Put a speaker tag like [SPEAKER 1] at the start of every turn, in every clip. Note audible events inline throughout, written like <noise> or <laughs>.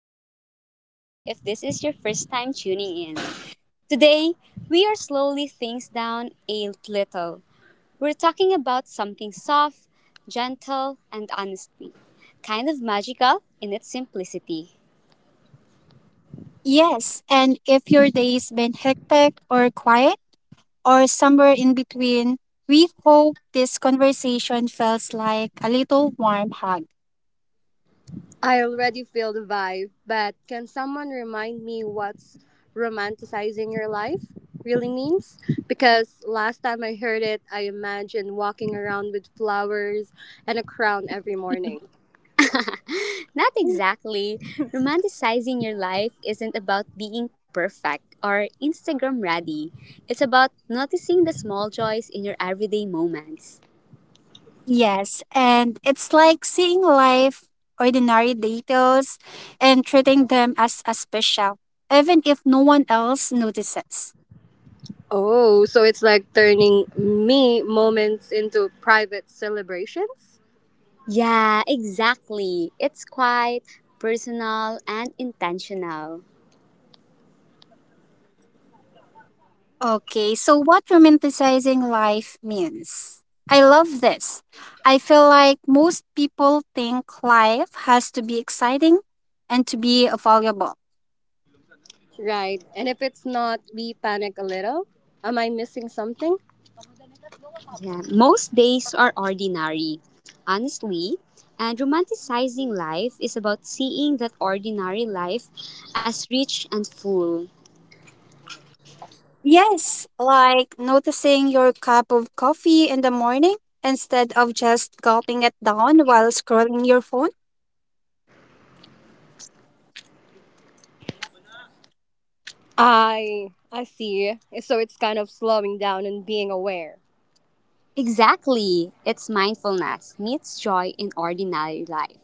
[SPEAKER 1] back, or welcome if this is your first time tuning in. Today, we are slowly things down a little. We're talking about something soft, gentle, and honestly, kind of magical in its simplicity.
[SPEAKER 2] Yes, and if your day's been hectic or quiet or somewhere in between, we hope this conversation feels like a little warm hug.
[SPEAKER 3] I already feel the vibe, but can someone remind me what's romanticizing your life really means? Because last time I heard it, I imagined walking around with flowers and a crown every morning.
[SPEAKER 1] <laughs> Not exactly. Romanticizing your life isn't about being perfect or Instagram ready. It's about noticing the small joys in your everyday moments.
[SPEAKER 2] Yes, and it's like seeing life, ordinary details, and treating them as a special, even if no one else notices.
[SPEAKER 3] Oh, so it's like turning me moments into private celebrations?
[SPEAKER 1] Yeah, exactly. It's quite personal and intentional.
[SPEAKER 2] Okay, so what romanticizing life means? I love this. I feel like most people think life has to be exciting and to be valuable.
[SPEAKER 3] Right. And if it's not, we panic a little. Am I missing something?
[SPEAKER 1] Yeah, most days are ordinary, honestly. And romanticizing life is about seeing that ordinary life as rich and full.
[SPEAKER 2] Yes, like noticing your cup of coffee in the morning instead of just gulping it down while scrolling your phone.
[SPEAKER 3] I see. So it's kind of slowing down and being aware.
[SPEAKER 1] Exactly. It's mindfulness meets joy in ordinary life.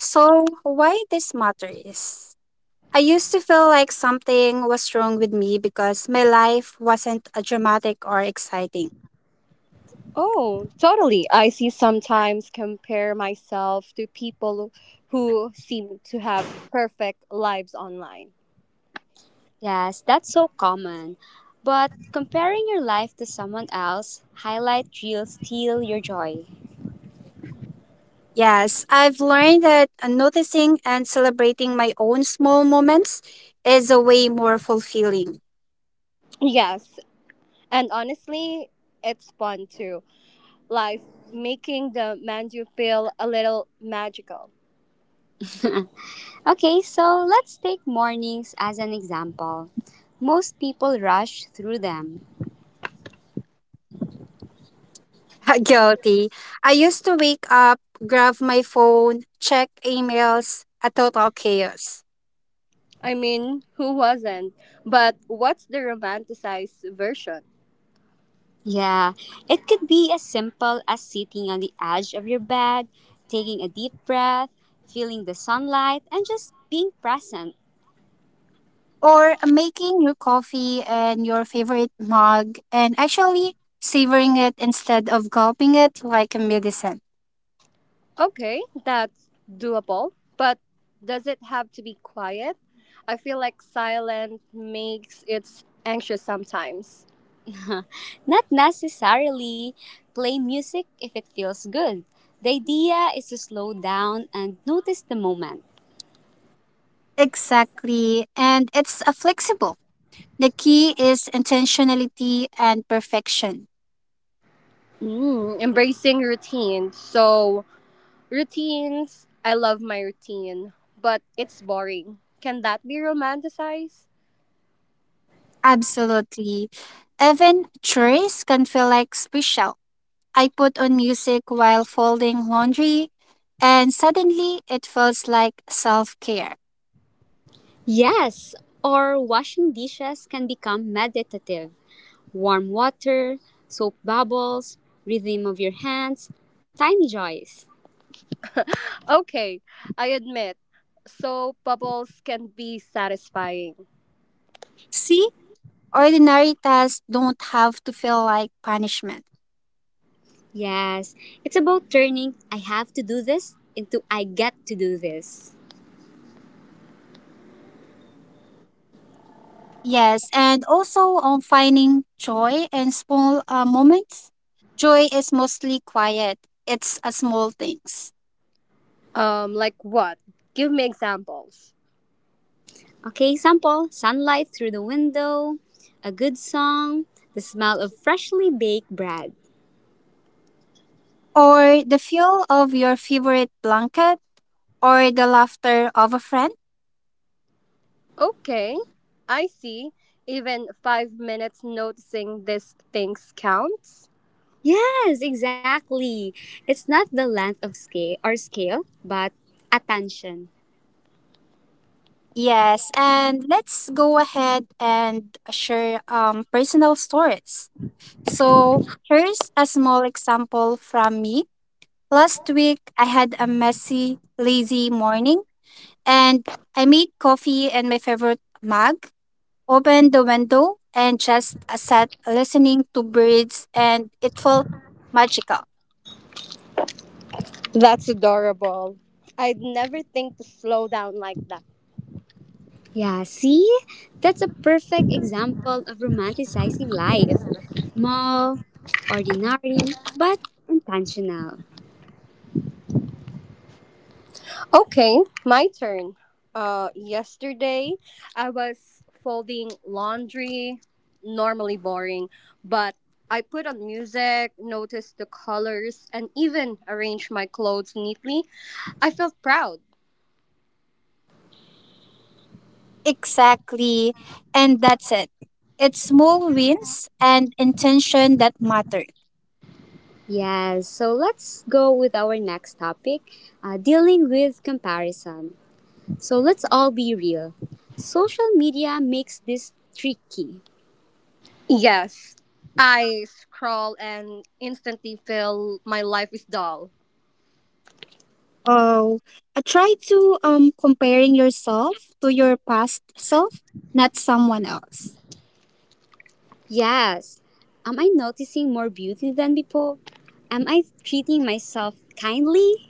[SPEAKER 2] So, why this matters? I used to feel like something was wrong with me because my life wasn't a dramatic or exciting.
[SPEAKER 3] Oh, totally. I see sometimes compare myself to people who seem to have perfect lives online.
[SPEAKER 1] Yes, that's so common. But comparing your life to someone else highlight real steal your joy.
[SPEAKER 2] Yes, I've learned that noticing and celebrating my own small moments is a way more fulfilling.
[SPEAKER 3] Yes, and honestly, it's fun too. Life making the menu feel a little magical.
[SPEAKER 1] Okay, so let's take mornings as an example. Most people rush through them.
[SPEAKER 2] <laughs> Guilty. I used to wake up, grab my phone, check emails, a total chaos.
[SPEAKER 3] I mean, who wasn't? But what's the romanticized version?
[SPEAKER 1] Yeah, it could be as simple as sitting on the edge of your bed, taking a deep breath, feeling the sunlight, and just being present.
[SPEAKER 2] Or making your coffee and your favorite mug and actually savoring it instead of gulping it like a medicine.
[SPEAKER 3] Okay, that's doable, but does it have to be quiet? I feel like silent makes it anxious sometimes.
[SPEAKER 1] <laughs> Not necessarily play music if it feels good. The idea is to slow down and notice the moment.
[SPEAKER 2] Exactly. And it's a flexible. The key is intentionality and perfection.
[SPEAKER 3] Mm, embracing routine. So, routines, I love my routine, but it's boring. Can that be romanticized?
[SPEAKER 2] Absolutely. Even chores can feel like special. I put on music while folding laundry, and suddenly it feels like self care.
[SPEAKER 1] Yes, or washing dishes can become meditative. Warm water, soap bubbles, rhythm of your hands, tiny joys.
[SPEAKER 3] Okay, I admit. So, bubbles can be satisfying.
[SPEAKER 2] See, ordinary tasks don't have to feel like punishment.
[SPEAKER 1] Yes, it's about turning I have to do this into I get to do this.
[SPEAKER 2] Yes, and also on finding joy in small moments. Joy is mostly quiet, it's a small things.
[SPEAKER 3] Like what? Give me examples.
[SPEAKER 1] Okay, sample sunlight through the window, a good song, the smell of freshly baked bread.
[SPEAKER 2] Or the feel of your favorite blanket, or the laughter of a friend.
[SPEAKER 3] Okay, I see. Even 5 minutes noticing these things counts.
[SPEAKER 1] Yes, exactly. It's not the length of scale or scale, but attention.
[SPEAKER 2] Yes, and let's go ahead and share personal stories. So here's a small example from me. Last week, I had a messy, lazy morning and I made coffee in my favorite mug, opened the window, and just sat listening to birds, and it felt magical.
[SPEAKER 3] That's adorable. I'd never think to slow down like that.
[SPEAKER 1] Yeah, see? That's a perfect example of romanticizing life. Small, ordinary, but intentional.
[SPEAKER 3] Okay, my turn. Yesterday I was folding laundry, normally boring, but I put on music, noticed the colors, and even arranged my clothes neatly. I felt proud.
[SPEAKER 2] Exactly. And that's it. It's small wins and intention that matter.
[SPEAKER 1] Yes, so let's go with our next topic, dealing with comparison. So let's all be real. Social media makes this tricky.
[SPEAKER 3] Yes, I scroll and instantly feel my life is dull.
[SPEAKER 2] Oh, try to comparing yourself to your past self, not someone else.
[SPEAKER 1] Yes, am I noticing more beauty than before? Am I treating myself kindly?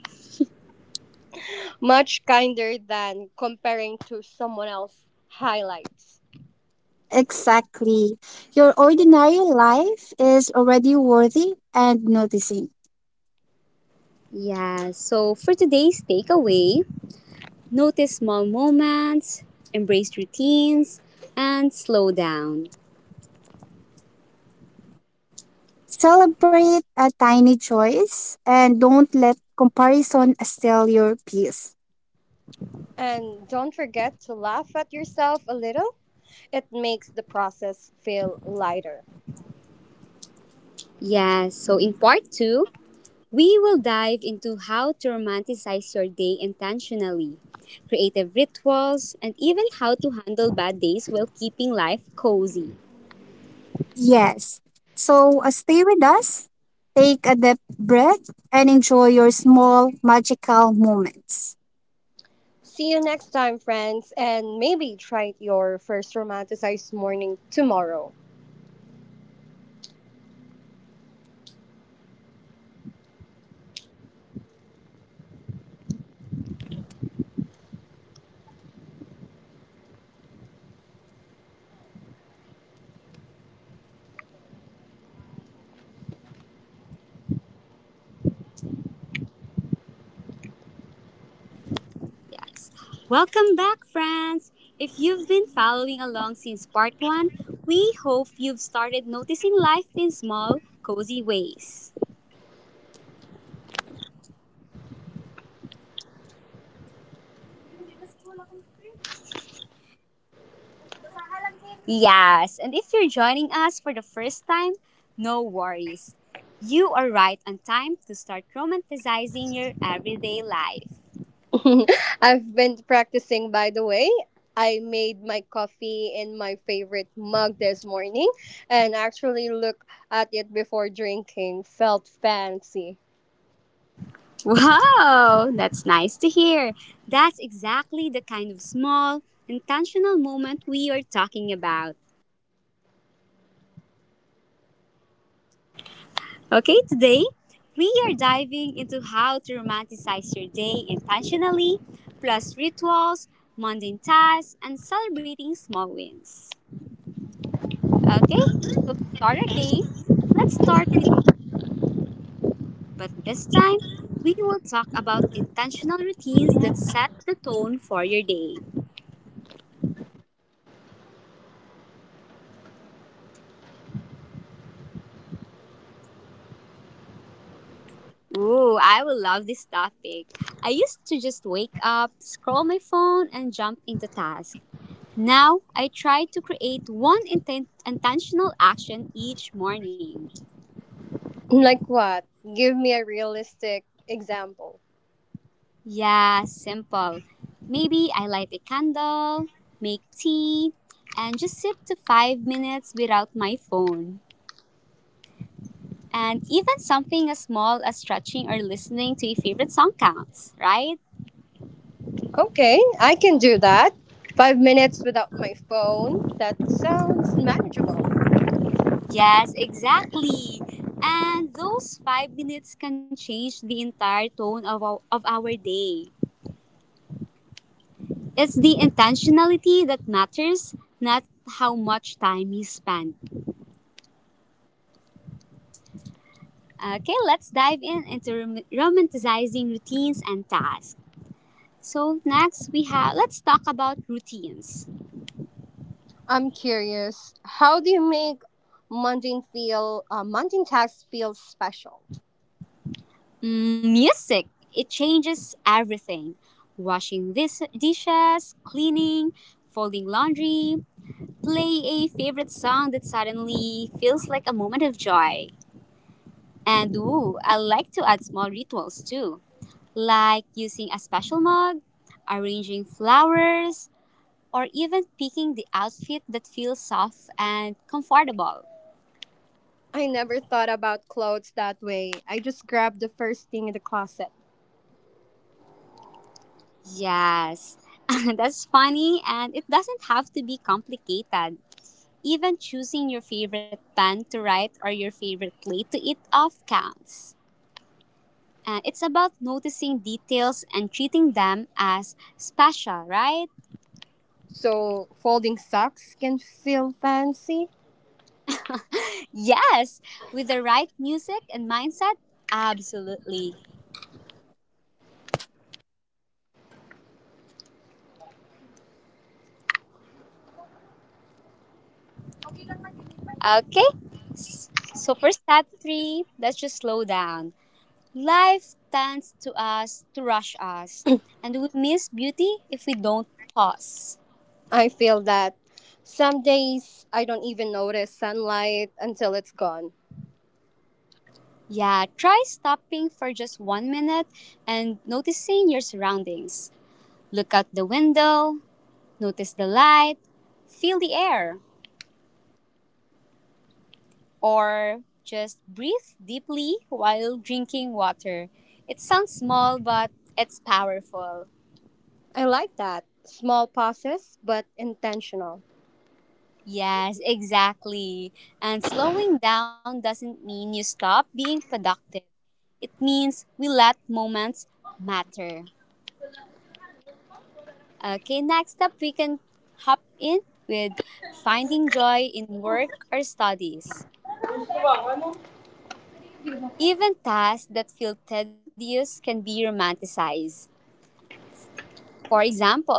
[SPEAKER 3] Much kinder than comparing to someone else's highlights.
[SPEAKER 2] Exactly. Your ordinary life is already worthy and noticing.
[SPEAKER 1] Yeah, so for today's takeaway, notice small moments, embrace routines, and slow down.
[SPEAKER 2] Celebrate a tiny choice and don't let comparison steal your peace.
[SPEAKER 3] And don't forget to laugh at yourself a little. It makes the process feel lighter.
[SPEAKER 1] Yes, so in part two, we will dive into how to romanticize your day intentionally, creative rituals, and even how to handle bad days while keeping life cozy.
[SPEAKER 2] Yes. So stay with us, take a deep breath, and enjoy your small magical moments.
[SPEAKER 3] See you next time, friends, and maybe try your first romanticized morning tomorrow.
[SPEAKER 1] Yes. Welcome back, friends! If you've been following along since part one, we hope you've started noticing life in small, cozy ways. Yes, and if you're joining us for the first time, no worries. You are right on time to start romanticizing your everyday life.
[SPEAKER 3] <laughs> I've been practicing, by the way. I made my coffee in my favorite mug this morning and actually looked at it before drinking. Felt fancy.
[SPEAKER 1] Wow, that's nice to hear. That's exactly the kind of small, intentional moment we are talking about. Okay, today we are diving into how to romanticize your day intentionally, plus rituals, mundane tasks, and celebrating small wins. Okay, so to start our day, let's start with more. But this time, we will talk about intentional routines that set the tone for your day. Ooh, I will love this topic. I used to just wake up, scroll my phone, and jump into tasks. Now, I try to create one intentional action each morning.
[SPEAKER 3] <clears throat> Like what? Give me a realistic example.
[SPEAKER 1] Yeah, simple. Maybe I light a candle, make tea, and just sit to 5 minutes without my phone. And even something as small as stretching or listening to a favorite song counts, right?
[SPEAKER 3] Okay, I can do that. 5 minutes without my phone. That sounds manageable.
[SPEAKER 1] Yes, exactly. And those 5 minutes can change the entire tone of our day. It's the intentionality that matters, not how much time you spend. Okay, let's dive in into romanticizing routines and tasks. So next we have let's talk about routines.
[SPEAKER 3] I'm curious. How do you make mundane feel mundane tasks feel special?
[SPEAKER 1] Mm, music it changes everything. Washing this dishes, cleaning, folding laundry, play a favorite song that suddenly feels like a moment of joy. And ooh, I like to add small rituals too, like using a special mug, arranging flowers, or even picking the outfit that feels soft and comfortable.
[SPEAKER 3] I never thought about clothes that way. I just grabbed the first thing in the closet.
[SPEAKER 1] Yes, <laughs> that's funny, and it doesn't have to be complicated. Even choosing your favorite pen to write or your favorite plate to eat off counts. And it's about noticing details and treating them as special, right?
[SPEAKER 3] So folding socks can feel fancy.
[SPEAKER 1] Yes, with the right music and mindset, absolutely. Okay, so for step three, let's just slow down. Life tends to us to rush us, and we miss beauty if we don't pause.
[SPEAKER 3] I feel that some days I don't even notice sunlight until it's gone.
[SPEAKER 1] Yeah, try stopping for just 1 minute and noticing your surroundings. Look out the window, notice the light, feel the air, or just breathe deeply while drinking water. It sounds small, but it's powerful.
[SPEAKER 3] I like that. Small pauses, but intentional.
[SPEAKER 1] Yes, exactly. And slowing down doesn't mean you stop being productive. It means we let moments matter. Okay, next up we can hop in with finding joy in work or studies. Even tasks that feel tedious can be romanticized. For example,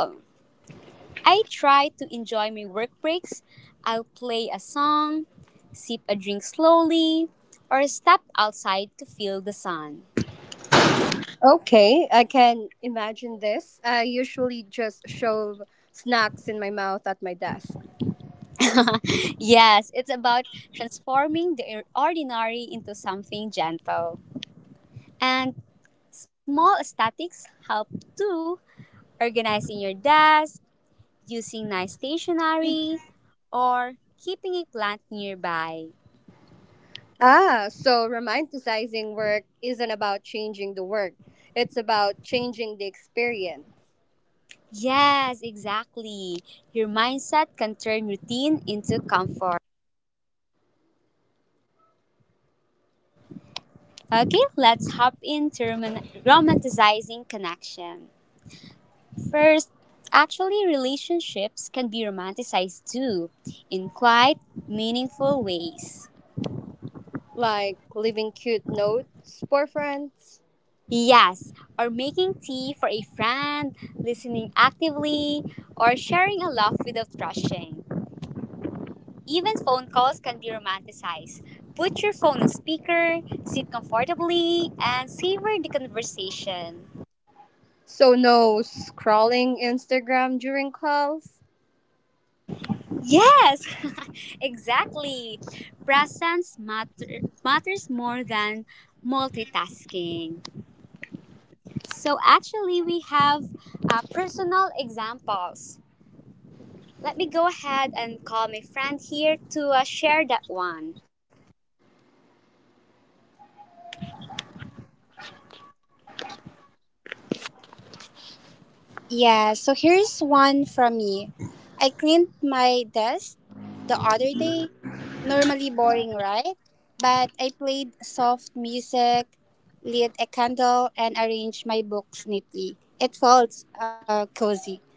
[SPEAKER 1] I try to enjoy my work breaks. I'll play a song, sip a drink slowly, or step outside to feel the sun.
[SPEAKER 3] Okay, I can imagine this. I usually just shove snacks in my mouth at my desk.
[SPEAKER 1] Yes, it's about transforming the ordinary into something gentle. And small aesthetics help too. Organizing your desk, using nice stationery, or keeping a plant nearby.
[SPEAKER 3] Ah, so romanticizing work isn't about changing the work. It's about changing the experience.
[SPEAKER 1] Yes, exactly. Your mindset can turn routine into comfort. Okay, let's hop into romanticizing connection. First, actually, relationships can be romanticized too, in quite meaningful ways.
[SPEAKER 3] Like leaving cute notes for friends.
[SPEAKER 1] Yes, or making tea for a friend, listening actively, or sharing a laugh without rushing. Even phone calls can be romanticized. Put your phone on speaker, sit comfortably, and savor the conversation.
[SPEAKER 3] So no scrolling Instagram during calls.
[SPEAKER 1] Yes, <laughs> exactly. Presence matters more than multitasking. So actually, we have personal examples. Let me go ahead and call my friend here to share that one. Yeah, so here's one from me. I cleaned my desk the other day. Normally boring, right? But I played soft music, lit a candle, and arranged my books neatly. It felt cozy.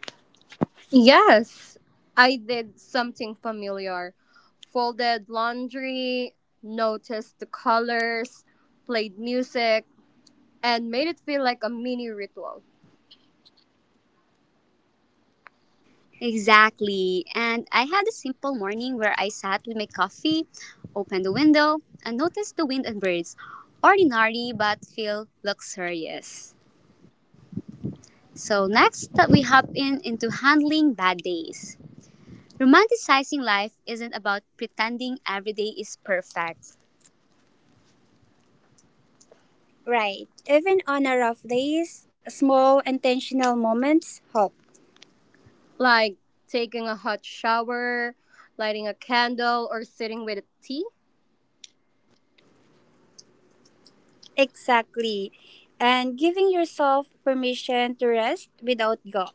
[SPEAKER 3] Yes, I did something familiar. Folded laundry, noticed the colors, played music, and made it feel like a mini ritual.
[SPEAKER 1] Exactly. And I had a simple morning where I sat with my coffee, opened the window, and noticed the wind and birds. Ordinary but feel luxurious. So next that we hop in into handling bad days. Romanticizing life isn't about pretending every day is perfect. Right. Even on our rough days, small intentional moments help.
[SPEAKER 3] Like taking a hot shower, lighting a candle, or sitting with a tea.
[SPEAKER 1] Exactly. And giving yourself permission to rest without guilt.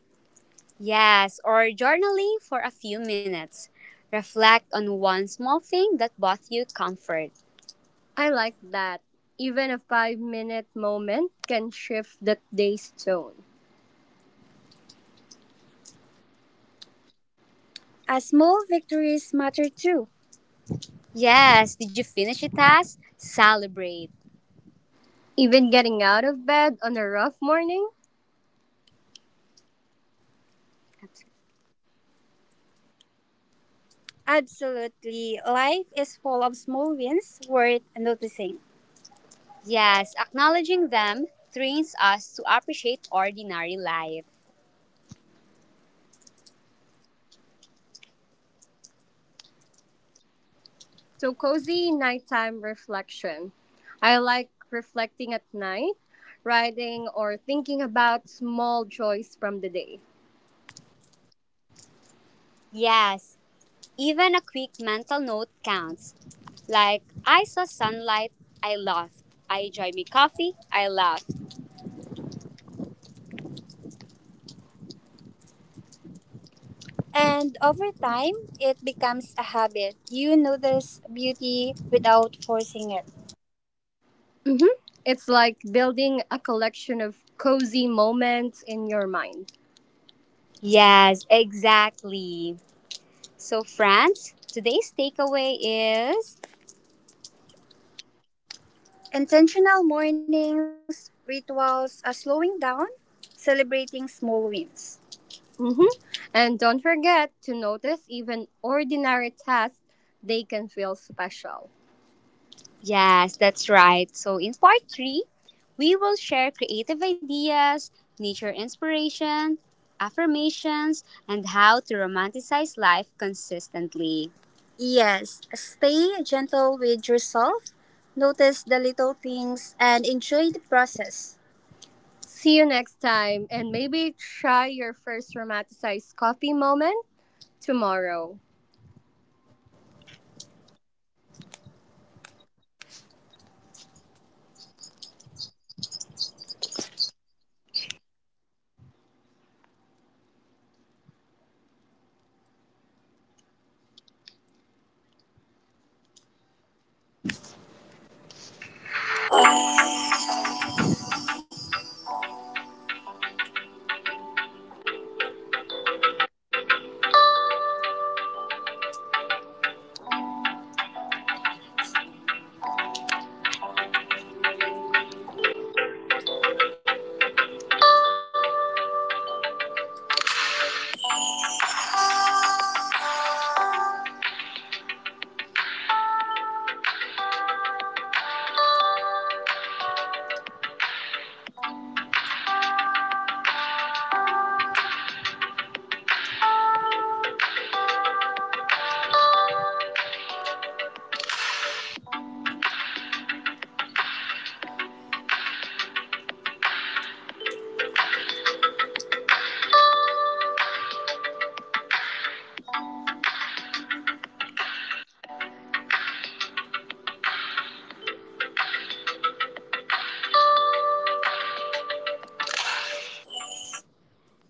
[SPEAKER 1] Yes, or journaling for a few minutes. Reflect on one small thing that brought you comfort.
[SPEAKER 3] I like that. Even a 5 minute moment can shift the day's tone.
[SPEAKER 1] As small victories matter too. Yes, did you finish a task? Celebrate.
[SPEAKER 3] Even getting out of bed on a rough morning.
[SPEAKER 1] Absolutely. Life is full of small wins worth noticing. Yes, acknowledging them trains us to appreciate ordinary life.
[SPEAKER 3] So, cozy nighttime reflection. I like reflecting at night, writing, or thinking about small joys from the day.
[SPEAKER 1] Yes, even a quick mental note counts. Like, I saw sunlight, I laughed. I enjoyed my coffee, I laughed. And over time, it becomes a habit. You notice beauty without forcing it.
[SPEAKER 3] Hmm. It's like building a collection of cozy moments in your mind.
[SPEAKER 1] Yes, exactly. So, friends, today's takeaway is intentional mornings, rituals, a slowing down, celebrating small wins.
[SPEAKER 3] Hmm. And don't forget to notice even ordinary tasks, they can feel special.
[SPEAKER 1] Yes, that's right. So, in part three, we will share creative ideas, nature inspiration, affirmations, and how to romanticize life consistently. Yes, stay gentle with yourself, notice the little things, and enjoy the process.
[SPEAKER 3] See you next time, and maybe try your first romanticized coffee moment tomorrow.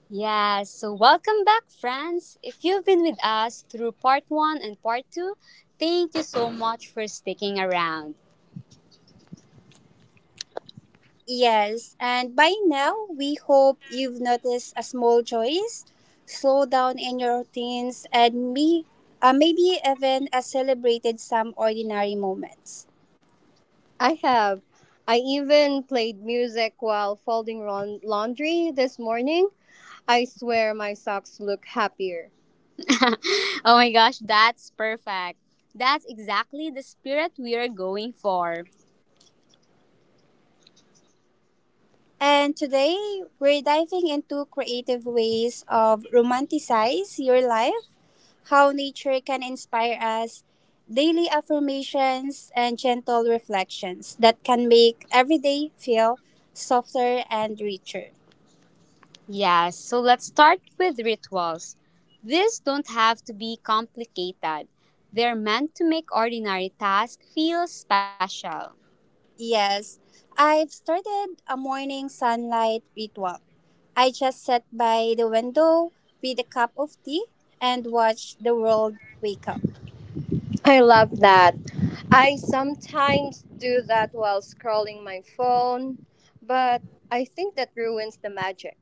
[SPEAKER 1] Yes, so welcome back, friends. If you've been with us through part one and part two, thank you so much for sticking around. Yes, and by now we hope you've noticed a small choice, slow down in your routines, and me, maybe even celebrated some ordinary moments.
[SPEAKER 3] I have. I even played music while laundry this morning. I swear my socks look happier.
[SPEAKER 1] <laughs> Oh my gosh, that's perfect. That's exactly the spirit we are going for. And today we're diving into creative ways of romanticize your life how nature can inspire us, daily affirmations, and gentle reflections that can make every day feel softer and richer. Yes, so let's start with rituals. These don't have to be complicated. They're meant to make ordinary tasks feel special. Yes, I've started a morning sunlight ritual. I just sit by the window with a cup of tea and watch the world wake up.
[SPEAKER 3] I love that. I sometimes do that while scrolling my phone, but I think that ruins the magic.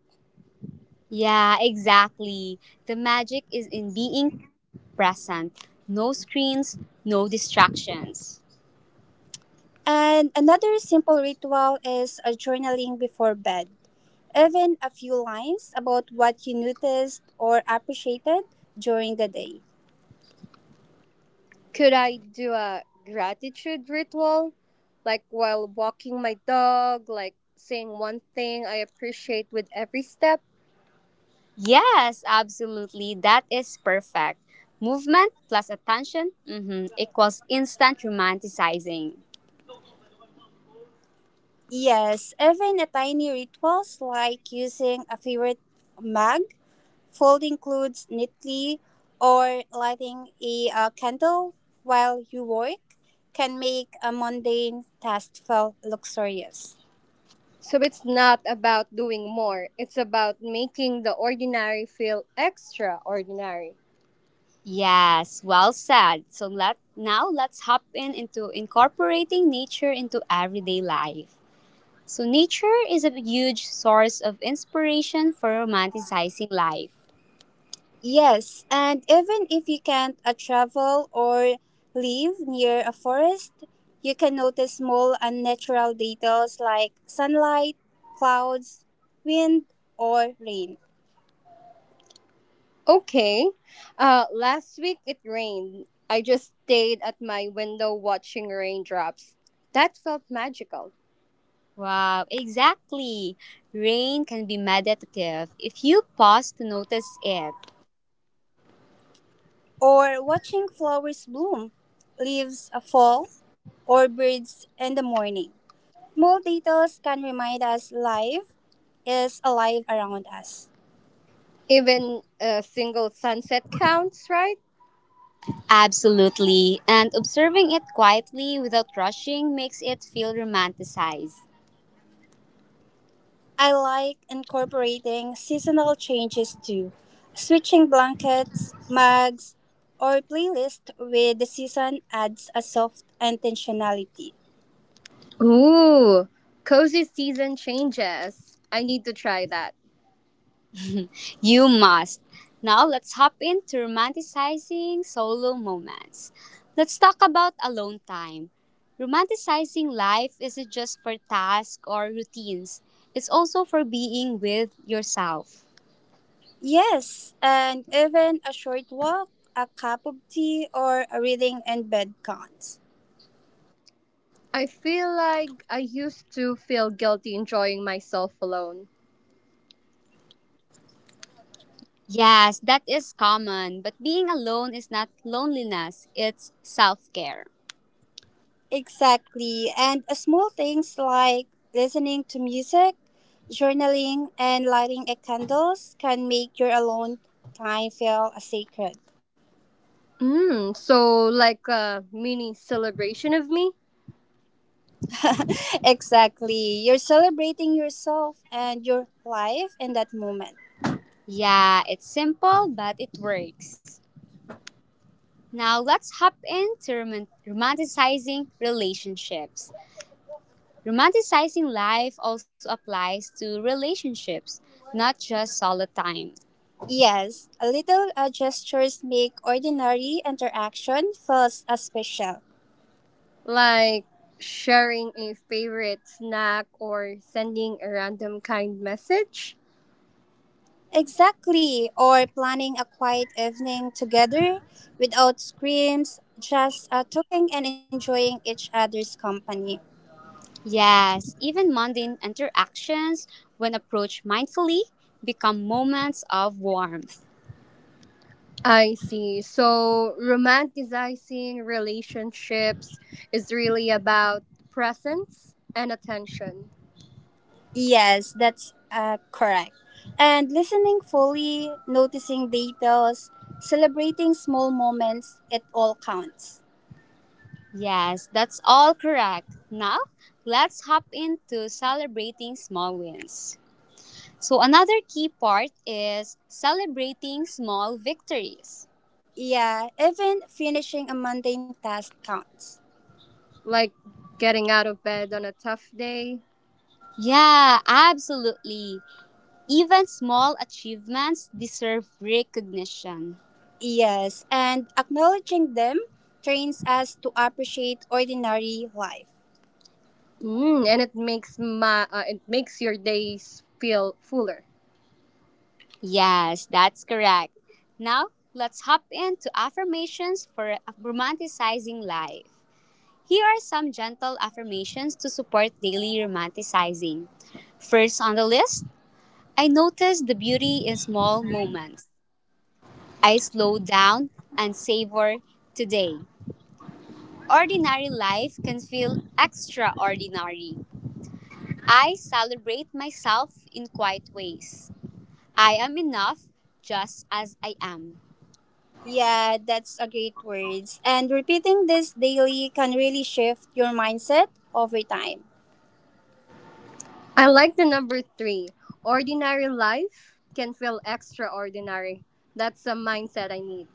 [SPEAKER 1] Yeah, exactly. The magic is in being present. No screens, no distractions. And another simple ritual is a journaling before bed. Even a few lines about what you noticed or appreciated during the day.
[SPEAKER 3] Could I do a gratitude ritual? Like while walking my dog, like saying one thing I appreciate with every step.
[SPEAKER 1] Yes, absolutely. That is perfect. Movement plus attention mhm, equals instant romanticizing. Yes, even the tiny rituals like using a favorite mug, folding clothes neatly, or lighting a candle while you work can make a mundane task feel luxurious.
[SPEAKER 3] So it's not about doing more, it's about making the ordinary feel extraordinary.
[SPEAKER 1] Yes, well said. So let now let's hop in into incorporating nature into everyday life. So nature is a huge source of inspiration for romanticizing life. Yes, and even if you can't travel or live near a forest, you can notice small unnatural details like sunlight, clouds, wind, or rain.
[SPEAKER 3] Okay. Last week it rained. I just stayed at my window watching raindrops. That felt magical.
[SPEAKER 1] Wow, exactly. Rain can be meditative if you pause to notice it. Or watching flowers bloom, leaves fall, or birds in the morning. Small details can remind us life is alive around us.
[SPEAKER 3] Even a single sunset counts, right?
[SPEAKER 1] Absolutely. And observing it quietly without rushing makes it feel romanticized. I like incorporating seasonal changes too, switching blankets, mugs, or playlist with the season adds a soft intentionality.
[SPEAKER 3] Ooh, cozy season changes. I need to try that.
[SPEAKER 1] You must. Now let's hop into romanticizing solo moments. Let's talk about alone time. Romanticizing life isn't just for tasks or routines, it's also for being with yourself. Yes, and even a short walk, a cup of tea, or a reading in bed count.
[SPEAKER 3] I feel like I used to feel guilty enjoying myself alone.
[SPEAKER 1] Yes, that is common, but being alone is not loneliness, it's self care. Exactly. And things like listening to music, journaling, and getting can make your alone time feel sacred.
[SPEAKER 3] Mm, so like a mini celebration of me?
[SPEAKER 1] Exactly. You're celebrating yourself and your life in that moment. Yeah, it's simple, but it works. Now let's hop into romanticizing relationships. Romanticizing life also applies to relationships, not just solo time. Yes, a little gestures make ordinary interaction feels as special.
[SPEAKER 3] Like sharing a favorite snack or sending a random kind message?
[SPEAKER 1] Exactly, or planning a quiet evening together without screams, just talking and enjoying each other's company. Yes, even mundane interactions, when approached mindfully, become moments of warmth.
[SPEAKER 3] I see. So romanticizing relationships is really about presence and attention.
[SPEAKER 1] Yes, that's correct. And listening fully, noticing details, celebrating small moments, it all counts. Yes, that's all correct. Now, let's hop into celebrating small wins. So, another key part is celebrating small victories. Yeah, even finishing a mundane task counts.
[SPEAKER 3] Like getting out of bed on a tough day.
[SPEAKER 1] Yeah, absolutely. Even small achievements deserve recognition. Yes, and acknowledging them trains us to appreciate ordinary life.
[SPEAKER 3] Mm, and it makes my it makes your days feel fuller.
[SPEAKER 1] Yes, that's correct. Now, let's hop into affirmations for romanticizing life. Here are some gentle affirmations to support daily romanticizing. First on the list, I notice the beauty in small moments. I slow down and savor today. Ordinary life can feel extraordinary. I celebrate myself in quiet ways. I am enough just as I am. Yeah, that's a great words. And repeating this daily can really shift your mindset over time.
[SPEAKER 3] I like the number three. Ordinary life can feel extraordinary. That's a mindset I need.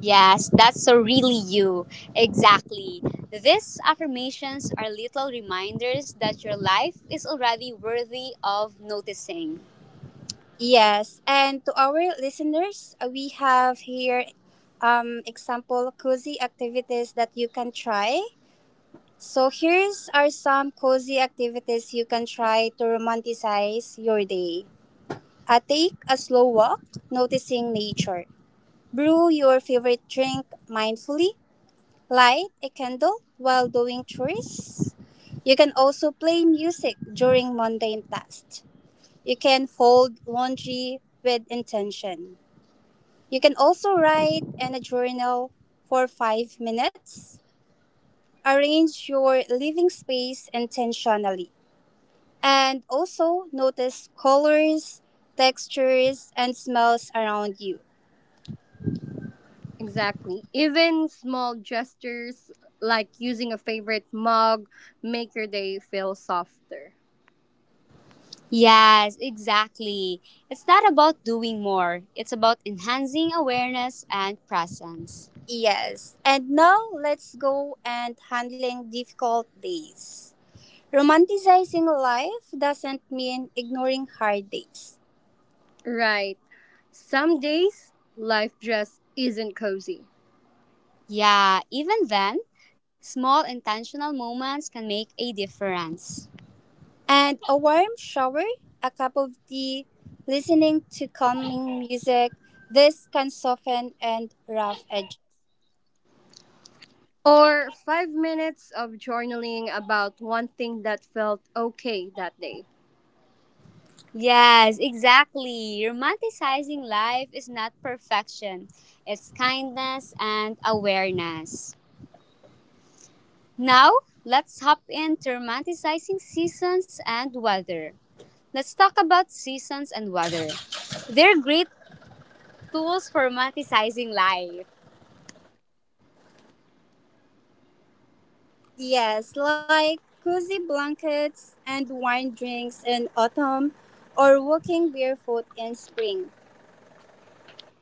[SPEAKER 1] Yes, that's so really you. Exactly. These affirmations are little reminders that your life is already worthy of noticing. Yes, and to our listeners, we have here example cozy activities that you can try. So here's are some cozy activities you can try to romanticize your day. Take a slow walk, noticing nature. Brew your favorite drink mindfully. Light a candle while doing chores. You can also play music during mundane tasks. You can fold laundry with intention. You can also write in a journal for 5 minutes. Arrange your living space intentionally. And also notice colors, textures, and smells around you.
[SPEAKER 3] Exactly. Even small gestures like using a favorite mug make your day feel softer.
[SPEAKER 1] Yes, exactly. It's not about doing more, it's about enhancing awareness and presence. Yes. And now let's go and handling difficult days. Romanticizing life doesn't mean ignoring hard days.
[SPEAKER 3] Right. Some days life just isn't cozy.
[SPEAKER 1] Yeah, even then, small intentional moments can make a difference. And a warm shower, a cup of tea, listening to calming music, this can soften and rough edges.
[SPEAKER 3] Or 5 minutes of journaling about one thing that felt okay that day.
[SPEAKER 1] Yes, exactly. Romanticizing life is not perfection, it's kindness and awareness. Now, let's hop into romanticizing seasons and weather. Let's talk about seasons and weather. They're great tools for romanticizing life. Yes, like cozy blankets and wine drinks in autumn or walking barefoot in spring.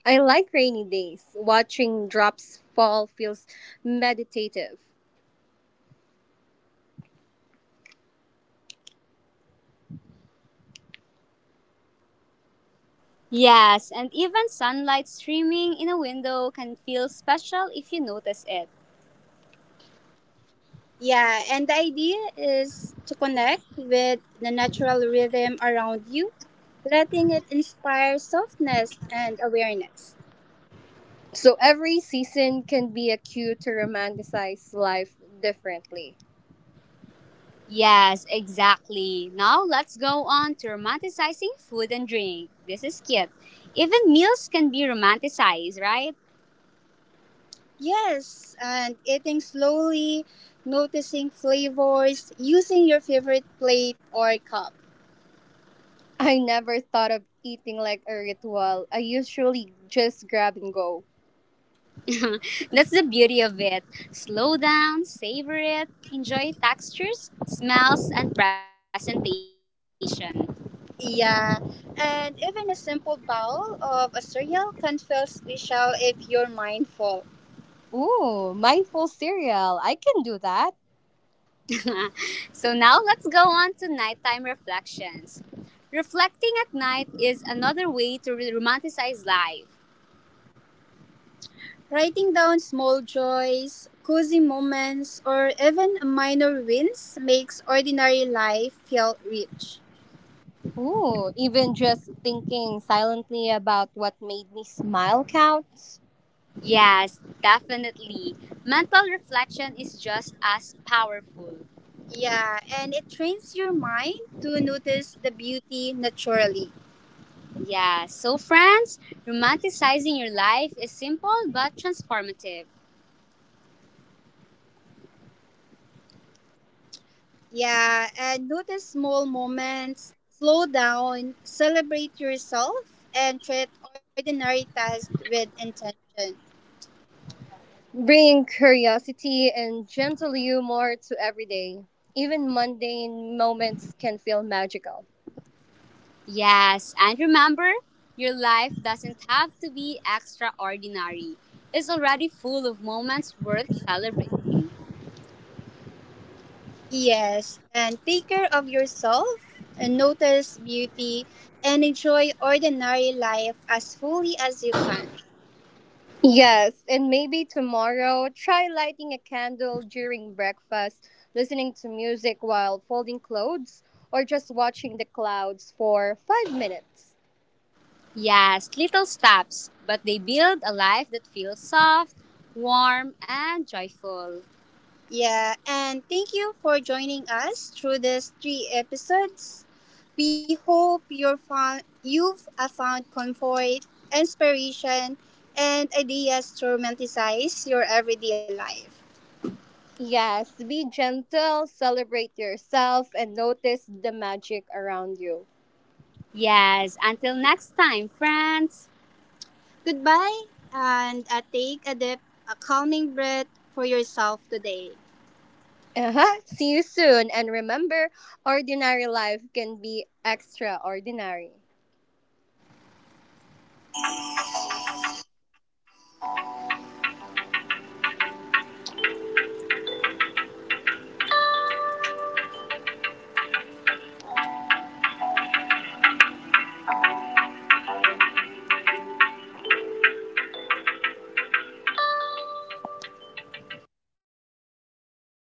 [SPEAKER 3] I like rainy days. Watching drops fall feels meditative.
[SPEAKER 1] Yes, and even sunlight streaming in a window can feel special if you notice it. Yeah, and the idea is to connect with the natural rhythm around you, letting it inspire softness and awareness.
[SPEAKER 3] So every season can be a cue to romanticize life differently.
[SPEAKER 1] Yes, exactly. Now let's go on to romanticizing food and drink. This is cute. Even meals can be romanticized, right? Yes, and eating slowly, noticing flavors, using your favorite plate or cup.
[SPEAKER 3] I never thought of eating like a ritual. I usually just grab and go.
[SPEAKER 1] <laughs> That's the beauty of it. Slow down, savor it, enjoy textures, smells, and presentation. Yeah, and even a simple bowl of a cereal can feel special if you're mindful.
[SPEAKER 3] Ooh, mindful cereal. I can do that.
[SPEAKER 1] <laughs> So now let's go on to nighttime reflections. Reflecting at night is another way to romanticize life. Writing down small joys, cozy moments, or even minor wins makes ordinary life feel rich.
[SPEAKER 3] Ooh, even just thinking silently about what made me smile counts.
[SPEAKER 1] Yes, definitely. Mental reflection is just as powerful. Yeah, and it trains your mind to notice the beauty naturally. Yeah, so friends, romanticizing your life is simple but transformative. Yeah, and notice small moments, slow down, celebrate yourself, and treat ordinary tasks with intention.
[SPEAKER 3] Bringing curiosity and gentle humor to every day. Even mundane moments can feel magical.
[SPEAKER 1] Yes, and remember, your life doesn't have to be extraordinary. It's already full of moments worth celebrating. Yes, and take care of yourself and notice beauty and enjoy ordinary life as fully as you can.
[SPEAKER 3] Yes, and maybe tomorrow, try lighting a candle during breakfast, listening to music while folding clothes, or just watching the clouds for 5 minutes.
[SPEAKER 1] Yes, little steps, but they build a life that feels soft, warm, and joyful. Yeah, and thank you for joining us through these 3 episodes. We hope you've found comfort, inspiration, and ideas to romanticize your everyday life.
[SPEAKER 3] Yes, be gentle, celebrate yourself, and notice the magic around you.
[SPEAKER 1] Yes, until next time, friends. Goodbye, and take a deep, a calming breath for yourself today.
[SPEAKER 3] Uh-huh. See you soon. And remember, ordinary life can be extraordinary.